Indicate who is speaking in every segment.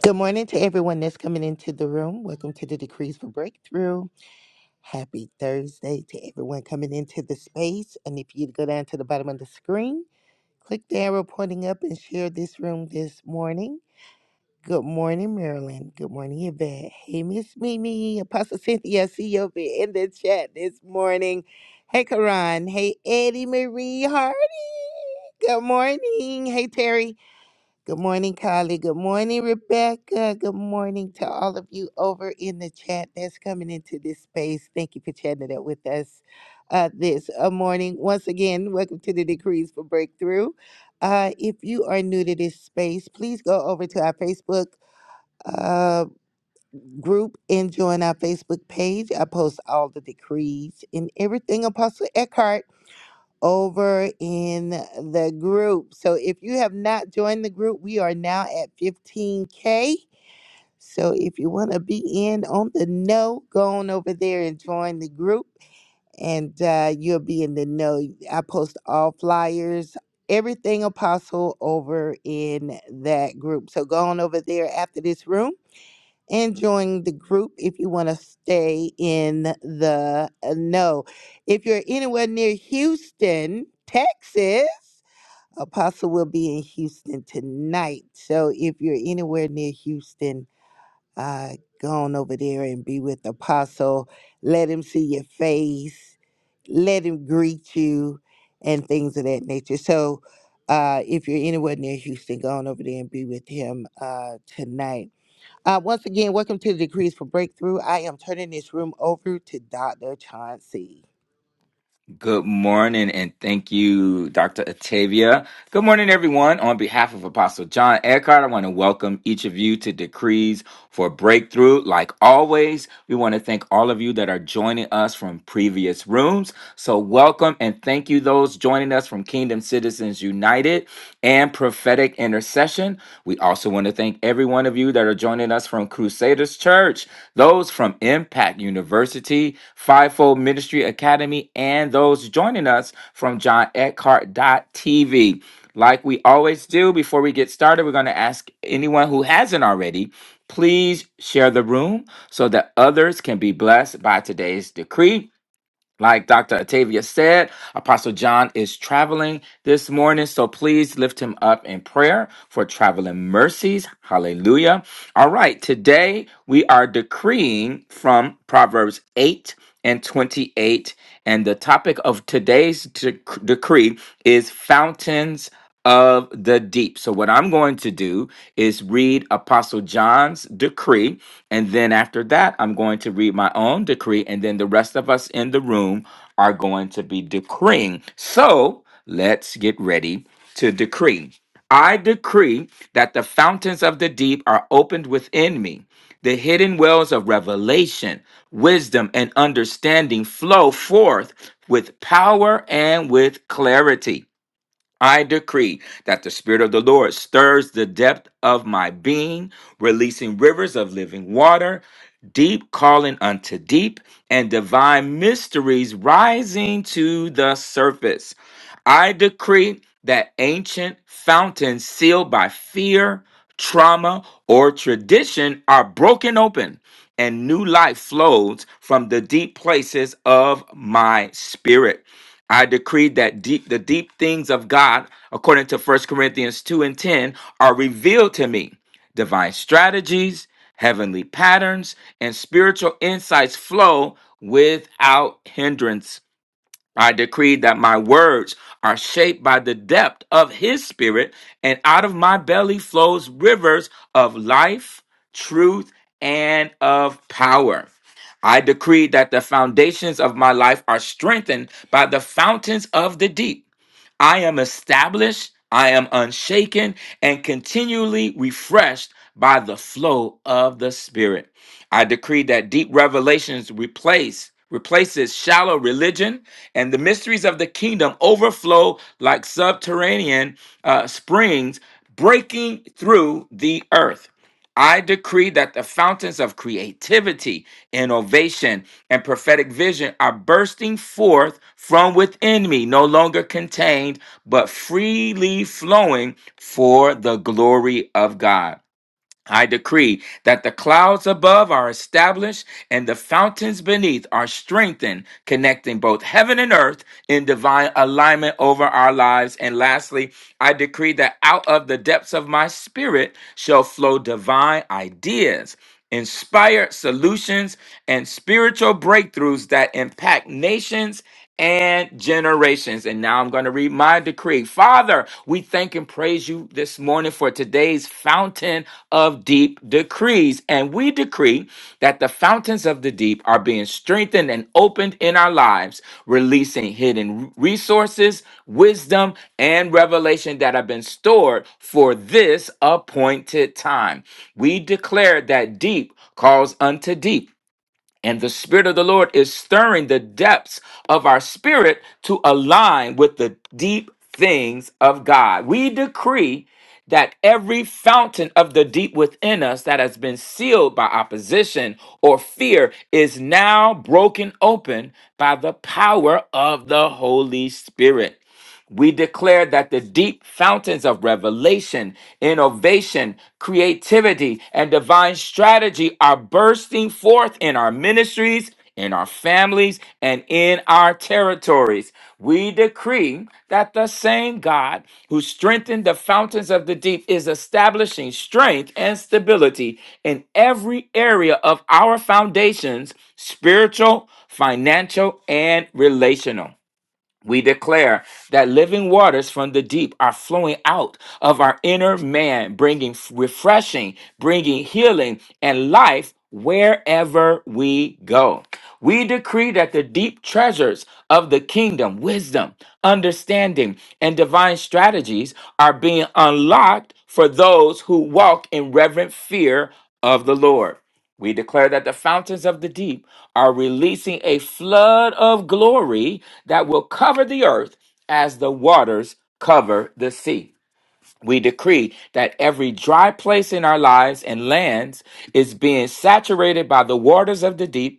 Speaker 1: Good morning to everyone that's coming into the room. Welcome to the Decrees for Breakthrough. Happy Thursday to everyone coming into the space. And if you go down to the bottom of the screen, click the arrow pointing up and share this room this morning. Good morning, Marilyn. Good morning, Yvette. Hey, Miss Mimi, Apostle Cynthia, I see you over in the chat this morning. Hey, Karan. Hey, Eddie Marie Hart. Good morning. Hey, Terry. Good morning, Kylie. Good morning, Rebecca. Good morning to all of you over in the chat that's coming into this space. Thank you for chatting it up with us uh, this uh, morning. Once again, welcome to the Decrees for Breakthrough. Uh, if you are new to this space, please go over to our Facebook uh, group and join our Facebook page. I post all the decrees and everything Apostle Eckhart over in the group. So if you have not joined the group, we are now at 15K. So if you want to be in on the know, go on over there and join the group, and uh, you'll be in the know. I post all flyers, everything apostle over in that group. So go on over there after this room and join the group if you want to stay in the uh, know. If you're anywhere near Houston, Texas, Apostle will be in Houston tonight. So if you're anywhere near Houston, uh, go on over there and be with Apostle. Let him see your face, let him greet you, and things of that nature. So uh, if you're anywhere near Houston, go on over there and be with him uh, tonight. Uh, once again, welcome to the Decrees for Breakthrough. I am turning this room over to Dr. Chauncey.
Speaker 2: Good morning, and thank you, Dr. Atavia. Good morning, everyone. On behalf of Apostle John Eckhart, I want to welcome each of you to Decrees for Breakthrough. Like always, we want to thank all of you that are joining us from previous rooms. So, welcome and thank you, those joining us from Kingdom Citizens United and prophetic intercession. We also want to thank every one of you that are joining us from Crusaders Church, those from Impact University, Fivefold Ministry Academy, and those joining us from John Eckhart TV. Like we always do, before we get started, we're going to ask anyone who hasn't already, please share the room so that others can be blessed by today's decree. Like Dr. Atavia said, Apostle John is traveling this morning, so please lift him up in prayer for traveling mercies. Hallelujah. All right, today we are decreeing from Proverbs 8 and 28, and the topic of today's dec- decree is fountains of the deep. So, what I'm going to do is read Apostle John's decree. And then after that, I'm going to read my own decree. And then the rest of us in the room are going to be decreeing. So, let's get ready to decree. I decree that the fountains of the deep are opened within me. The hidden wells of revelation, wisdom, and understanding flow forth with power and with clarity. I decree that the Spirit of the Lord stirs the depth of my being, releasing rivers of living water, deep calling unto deep, and divine mysteries rising to the surface. I decree that ancient fountains sealed by fear, trauma, or tradition are broken open, and new life flows from the deep places of my spirit. I decree that deep the deep things of God, according to First Corinthians 2 and 10, are revealed to me. Divine strategies, heavenly patterns, and spiritual insights flow without hindrance. I decree that my words are shaped by the depth of his spirit, and out of my belly flows rivers of life, truth, and of power. I decree that the foundations of my life are strengthened by the fountains of the deep. I am established, I am unshaken, and continually refreshed by the flow of the Spirit. I decree that deep revelations replace replaces shallow religion and the mysteries of the kingdom overflow like subterranean uh, springs breaking through the earth I decree that the fountains of creativity, innovation, and prophetic vision are bursting forth from within me, no longer contained, but freely flowing for the glory of God. I decree that the clouds above are established and the fountains beneath are strengthened, connecting both heaven and earth in divine alignment over our lives. And lastly, I decree that out of the depths of my spirit shall flow divine ideas, inspired solutions, and spiritual breakthroughs that impact nations and generations. And now I'm going to read my decree. Father, we thank and praise you this morning for today's fountain of deep decrees. And we decree that the fountains of the deep are being strengthened and opened in our lives, releasing hidden resources, wisdom, and revelation that have been stored for this appointed time. We declare that deep calls unto deep and the Spirit of the Lord is stirring the depths of our spirit to align with the deep things of God. We decree that every fountain of the deep within us that has been sealed by opposition or fear is now broken open by the power of the Holy Spirit. We declare that the deep fountains of revelation, innovation, creativity, and divine strategy are bursting forth in our ministries, in our families, and in our territories. We decree that the same God who strengthened the fountains of the deep is establishing strength and stability in every area of our foundations spiritual, financial, and relational. We declare that living waters from the deep are flowing out of our inner man, bringing f- refreshing, bringing healing and life wherever we go. We decree that the deep treasures of the kingdom, wisdom, understanding, and divine strategies are being unlocked for those who walk in reverent fear of the Lord. We declare that the fountains of the deep are releasing a flood of glory that will cover the earth as the waters cover the sea. We decree that every dry place in our lives and lands is being saturated by the waters of the deep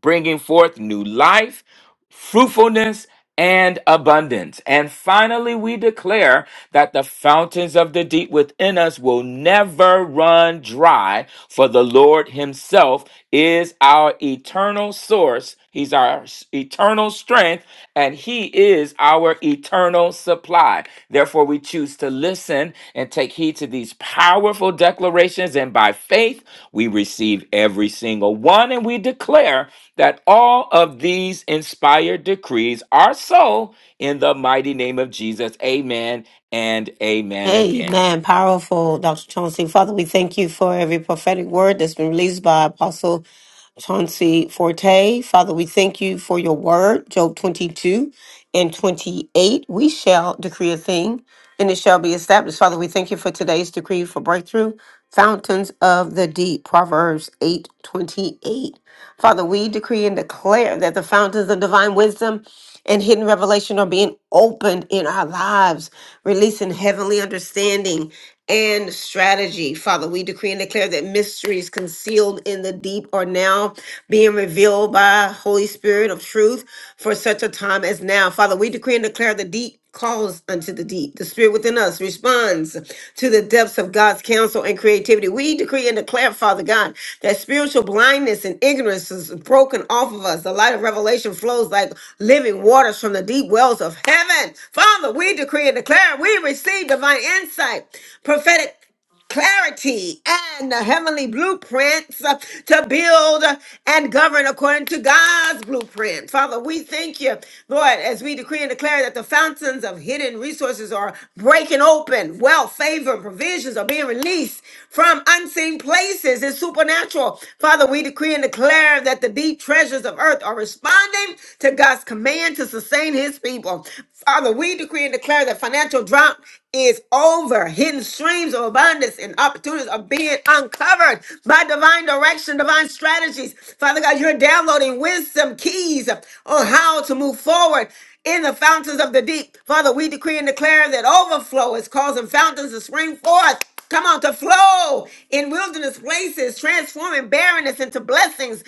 Speaker 2: bringing forth new life, fruitfulness, and abundance. And finally, we declare that the fountains of the deep within us will never run dry, for the Lord Himself is our eternal source He's our s- eternal strength, and He is our eternal supply. Therefore, we choose to listen and take heed to these powerful declarations. And by faith, we receive every single one, and we declare that all of these inspired decrees are so in the mighty name of Jesus. Amen and amen again.
Speaker 3: Amen. Powerful, Dr. Chauncey. Father, we thank you for every prophetic word that's been released by Apostle Chauncey Forte. Father, we thank you for your word, Job 22 and 28. We shall decree a thing and it shall be established. Father, we thank you for today's decree for breakthrough, fountains of the deep, Proverbs 8 28. Father, we decree and declare that the fountains of divine wisdom and hidden revelation are being opened in our lives, releasing heavenly understanding and strategy. Father, we decree and declare that mysteries concealed in the deep are now being revealed by Holy Spirit of truth for such a time as now. Father, we decree and declare the deep calls unto the deep. The spirit within us responds to the depths of God's counsel and creativity. We decree and declare, Father God, that spiritual blindness and ignorance is broken off of us. The light of revelation flows like living waters from the deep wells of heaven. Father, we decree and declare we receive divine insight, prophetic clarity and the heavenly blueprints uh, to build uh, and govern according to God's blueprint. Father, we thank you, Lord, as we decree and declare that the fountains of hidden resources are breaking open, wealth, favor, and provisions are being released from unseen places. It's supernatural. Father, we decree and declare that the deep treasures of earth are responding to God's command to sustain his people. Father, we decree and declare that financial drought is over. Hidden streams of abundance and opportunities are being uncovered by divine direction, divine strategies. Father God, you're downloading wisdom keys on how to move forward in the fountains of the deep. Father, we decree and declare that overflow is causing fountains to spring forth. Come on, to flow in wilderness places, transforming barrenness into blessings.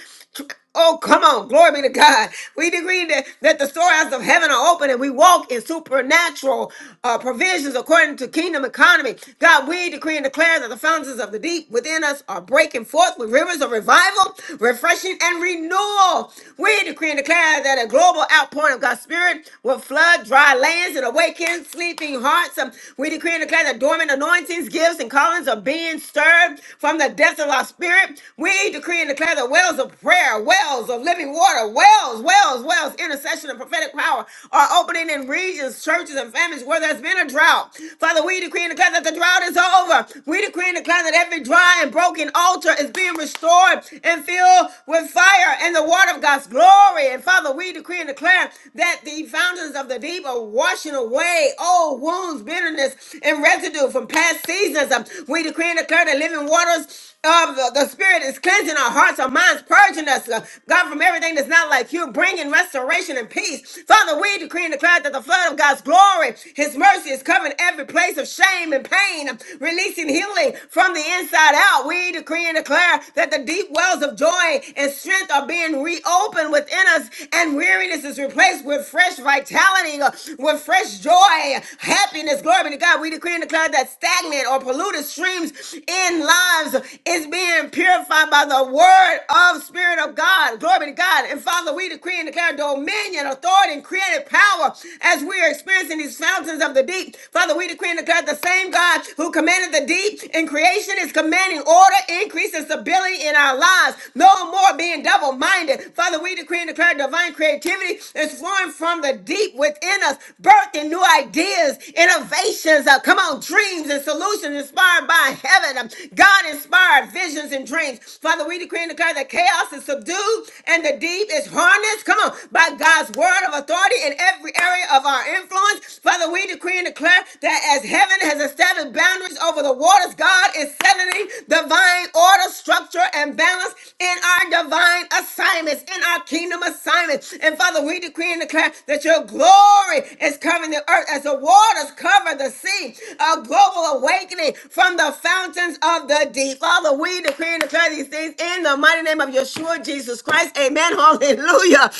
Speaker 3: Oh, come on. Glory be to God. We decree that, that the storehouses of heaven are open and we walk in supernatural uh, provisions according to kingdom economy. God, we decree and declare that the fountains of the deep within us are breaking forth with rivers of revival, refreshing, and renewal. We decree and declare that a global outpouring of God's Spirit will flood dry lands and awaken sleeping hearts. Um, We decree and declare that dormant anointings, gifts, and callings are being stirred from the depths of our spirit. We decree and declare the wells of prayer, wells of living water, wells, wells, wells, intercession and prophetic power are opening in regions, churches, and families where there's been a drought. Father, we decree and declare that the drought is over. We decree and declare that every dry and broken altar is being restored and filled with fire and the water of God's glory. And Father, we decree and declare that the fountains of the deep are washing away all wounds, bitterness, sickness and residue from past seasons. Um, We decree and declare the living waters of the, the Spirit is cleansing our hearts, our minds, purging us, uh, God, from everything that's not like you, bringing restoration and peace. Father, we decree and declare that the flood of God's glory, His mercy is covering every place of shame and pain, um, releasing healing from the inside out. We decree and declare that the deep wells of joy and strength are being reopened within us, and weariness is replaced with fresh vitality, uh, with fresh joy, happiness. Glory be to God. We decree and declare that stagnant or polluted streams in lives is being purified by the word of Spirit of God. Glory be to God. And Father, we decree and declare dominion, authority, and creative power as we are experiencing these fountains of the deep. Father, we decree and declare the same God who commanded the deep in creation is commanding order, increase, and stability in our lives. No more being double-minded minded. Father, we decree and declare divine creativity is flowing from the deep within us, birthing new ideas, innovations, uh, come on, dreams and solutions inspired by heaven, um, God inspired visions and dreams. Father, we decree and declare that chaos is subdued and the deep is harnessed, come on, by God's word of authority in every area of our influence. Father, we decree and declare that as heaven has established boundaries over the waters, God is settling divine order, structure, and balance in our divine assignments, in our kingdom assignments. And Father, we decree and declare that your glory is covering the earth as the waters cover the sea. A global awakening from the fountains of the deep. Father, we decree and declare these things in the mighty name of Yeshua Jesus Christ. Amen. Hallelujah.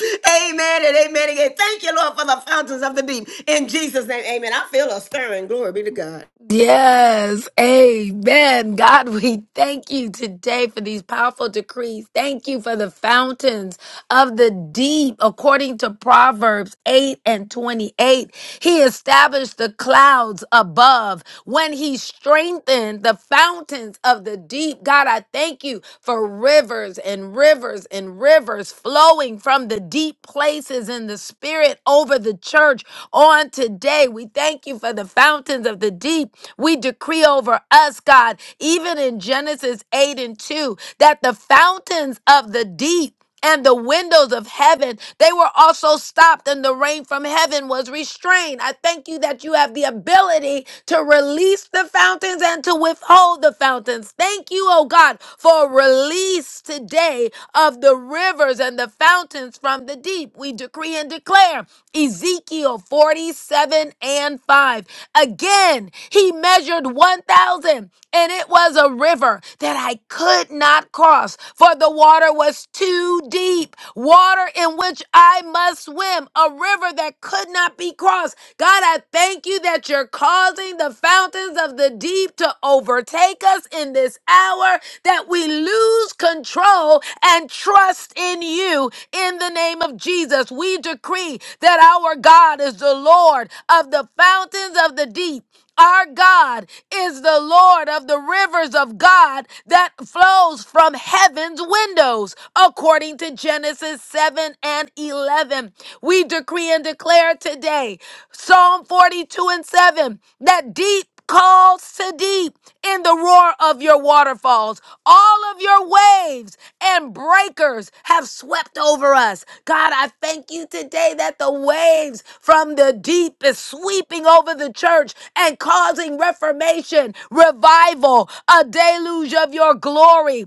Speaker 3: Amen and amen again. Thank you, Lord, for the fountains of the deep. In Jesus' name, amen. I feel a stirring. Glory be to God.
Speaker 4: Yes, amen. God, we thank you today for these powerful decrees. Thank you for the fountains of the deep, according to Proverbs 8 and 28. He established the clouds above when he strengthened the fountains of the deep. God, I thank you for rivers and rivers and rivers flowing from the deep places in the spirit over the church on today. We thank you for the fountains of the deep. We decree over us, God, even in Genesis 8 and 2, that the fountains of the deep and the windows of heaven they were also stopped and the rain from heaven was restrained i thank you that you have the ability to release the fountains and to withhold the fountains thank you oh god for a release today of the rivers and the fountains from the deep. We decree and declare Ezekiel 47 and 5. Again, he measured 1,000, and it was a river that I could not cross, for the water was too deep. Water in which I must swim, a river that could not be crossed. God, I thank you that you're causing the fountains of the the deep to overtake us in this hour, that we lose control and trust in you. In the name of Jesus, we decree that our God is the Lord of the fountains of the deep. Our God is the Lord of the rivers of God that flows from heaven's windows, according to Genesis 7 and 11. We decree and declare today, Psalm 42 and 7, that deep Call Siddim in the roar of your waterfalls. All of your waves and breakers have swept over us. God, I thank you today that the waves from the deep is sweeping over the church and causing reformation, revival, a deluge of your glory.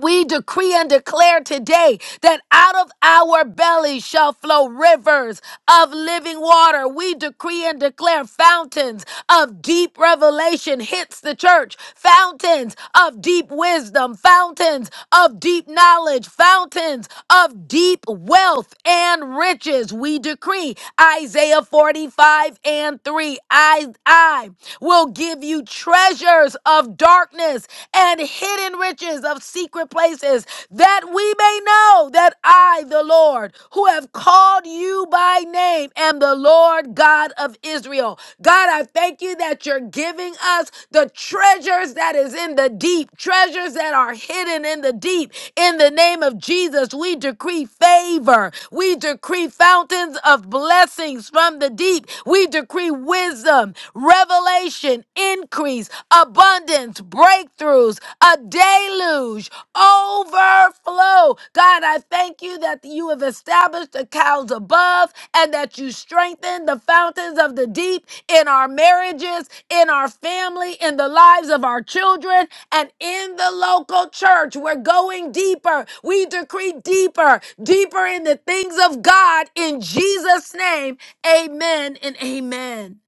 Speaker 4: We decree and declare today that out of our bellies shall flow rivers of living water. We decree and declare fountains of deep revelation hits the church, fountains of deep wisdom, fountains of deep knowledge, fountains of deep wealth and riches. We decree Isaiah 45 and 3. I, I will give you treasures of darkness and hidden riches of secret places, that we may know that I, the Lord, who have called you by name, am the Lord God of Israel. God, I thank you that you're giving us the treasures that is in the deep, treasures that are hidden in the deep, in the name of Jesus, we decree favor. We decree fountains of blessings from the deep. We decree wisdom, revelation, increase, abundance, breakthroughs, a deluge, overflow. God, I thank you that you have established the cows above and that you strengthen the fountains of the deep in our marriages, in our family, in the lives of our children. And in the local church, we're going deeper. We decree deeper, deeper in the things of God in Jesus' name. Amen and amen.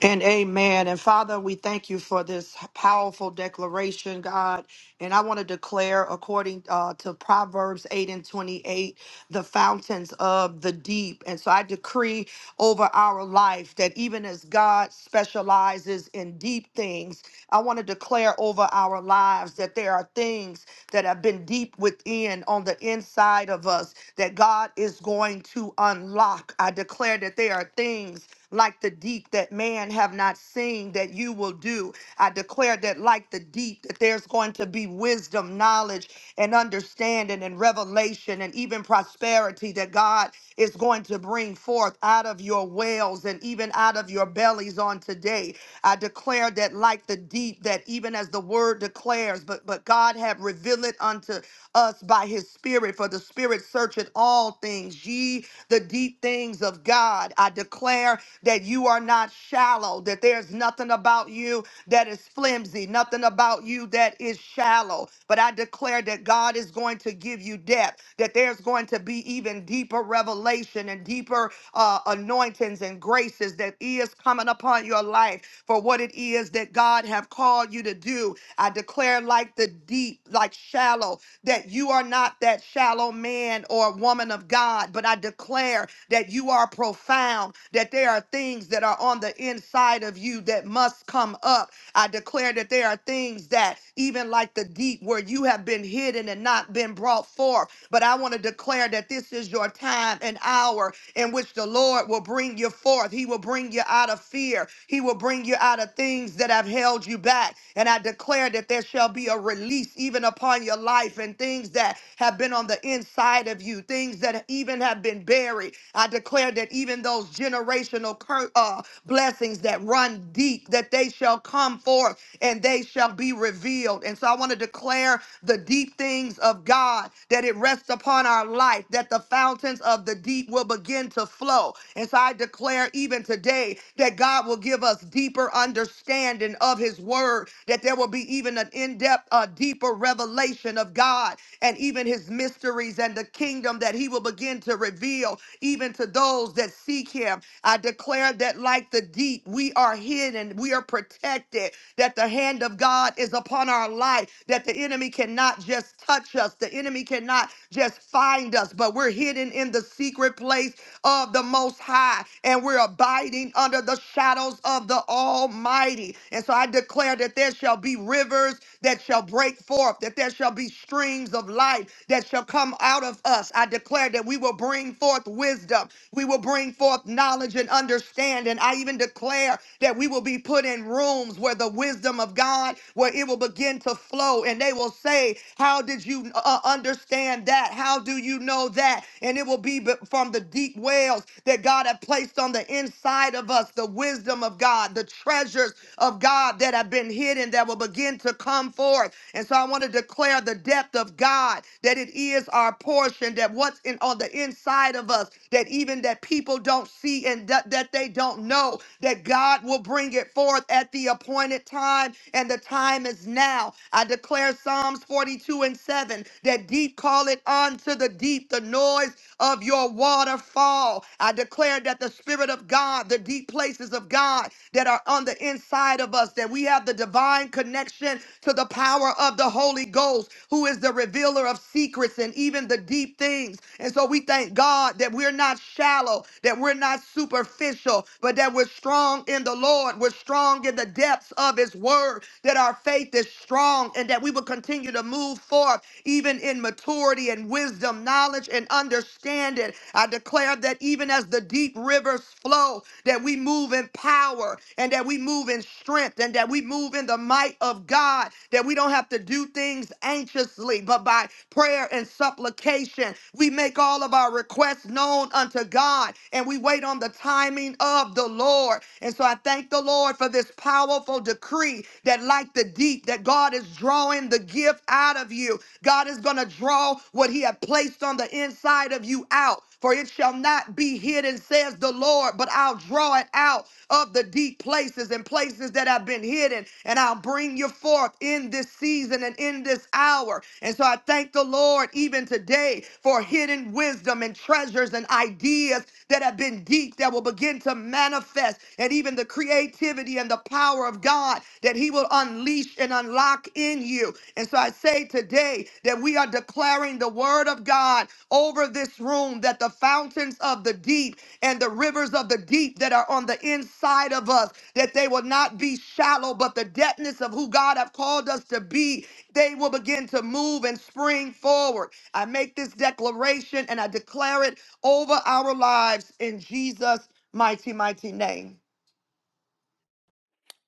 Speaker 5: And amen. And Father, we thank you for this powerful declaration, God. And I want to declare, according uh, to Proverbs 8 and 28, the fountains of the deep. And so I decree over our life that even as God specializes in deep things, I want to declare over our lives that there are things that have been deep within on the inside of us that God is going to unlock. I declare that there are things like the deep that man have not seen that you will do. I declare that like the deep that there's going to be wisdom, knowledge and understanding and revelation and even prosperity that God is going to bring forth out of your wells and even out of your bellies on today. I declare that like the deep that even as the word declares but but God have revealed it unto us by his spirit for the spirit searcheth all things ye the deep things of God. I declare that you are not shallow, that there's nothing about you that is flimsy, nothing about you that is shallow. But I declare that God is going to give you depth, that there's going to be even deeper revelation and deeper uh, anointings and graces that is coming upon your life for what it is that God have called you to do. I declare like the deep, like shallow that you are not that shallow man or woman of God, but I declare that you are profound, that there are things that are on the inside of you that must come up. I declare that there are things that, even like the deep, where you have been hidden and not been brought forth. But I want to declare that this is your time and hour in which the Lord will bring you forth. He will bring you out of fear, He will bring you out of things that have held you back. And I declare that there shall be a release, even upon your life and things that have been on the inside of you, things that even have been buried. I declare that even those generational cur- uh, blessings that run deep, that they shall come forth and they shall be revealed. And so I want to declare the deep things of God that it rests upon our life, that the fountains of the deep will begin to flow. And so I declare even today that God will give us deeper understanding of his word, that there will be even an in-depth, a deeper revelation of God and even his mysteries and the kingdom that he will begin to reveal even to those that seek him. I declare that like the deep, we are hidden, we are protected, that the hand of God is upon our life, that the enemy cannot just touch us, the enemy cannot just find us, but we're hidden in the secret place of the Most High, and we're abiding under the shadows of the Almighty. And so I declare that there's there shall be rivers that shall break forth, that there shall be streams of life that shall come out of us. I declare that we will bring forth wisdom, we will bring forth knowledge and understanding. I even declare that we will be put in rooms where the wisdom of God, where it will begin to flow, and they will say, "How did you uh, understand that? How do you know that?" And it will be be- from the deep wells that God had placed on the inside of us, the wisdom of God, the treasures of God. God, that have been hidden that will begin to come forth. And so I want to declare the depth of God that it is our portion, that what's in on the inside of us, that even that people don't see and that, that they don't know, that God will bring it forth at the appointed time, and the time is now. I declare Psalms 42 and 7 that deep call it unto the deep, the noise of your waterfall. I declare that the Spirit of God, the deep places of God, that are are on the inside of us, that we have the divine connection to the power of the Holy Ghost, who is the revealer of secrets and even the deep things. And so we thank God that we're not shallow, that we're not superficial, but that we're strong in the Lord. We're strong in the depths of His Word, that our faith is strong, and that we will continue to move forth even in maturity and wisdom, knowledge and understanding. I declare that even as the deep rivers flow, that we move move in power and that we move in strength and that we move in the might of God, that we don't have to do things anxiously, but by prayer and supplication, we make all of our requests known unto God and we wait on the timing of the Lord. And so I thank the Lord for this powerful decree that, like the deep, that God is drawing the gift out of you. God is going to draw what He had placed on the inside of you out for it shall not be hidden, says the Lord, but I'll draw it out of the deep places and places that have been hidden, and I'll bring you forth in this season and in this hour. And so I thank the Lord even today for hidden wisdom and treasures and ideas ideas that have been deep that will begin to manifest, and even the creativity and the power of God that He will unleash and unlock in you. And so I say today that we are declaring the word of God over this room that the fountains of the deep and the rivers of the deep that are on the inside of us, that they will not be shallow, but the depthness of who God have called us to be, they will begin to move and spring forward. I make this declaration and I declare it over our lives in Jesus' mighty, mighty name.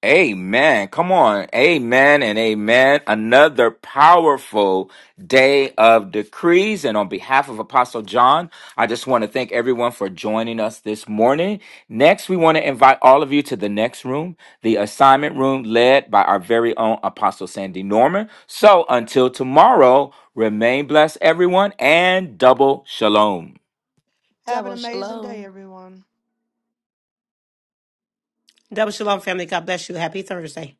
Speaker 2: Amen. Come on. Amen and amen. Another powerful day of decrees. And on behalf of Apostle John, I just want to thank everyone for joining us this morning. Next, we want to invite all of you to the next room, the assignment room led by our very own Apostle Sandy Norman. So until tomorrow, remain blessed, everyone, and double shalom.
Speaker 5: Have an
Speaker 4: Double
Speaker 5: amazing day,
Speaker 4: shalom.
Speaker 5: everyone.
Speaker 3: Double Shalom, family. God bless you. Happy Thursday.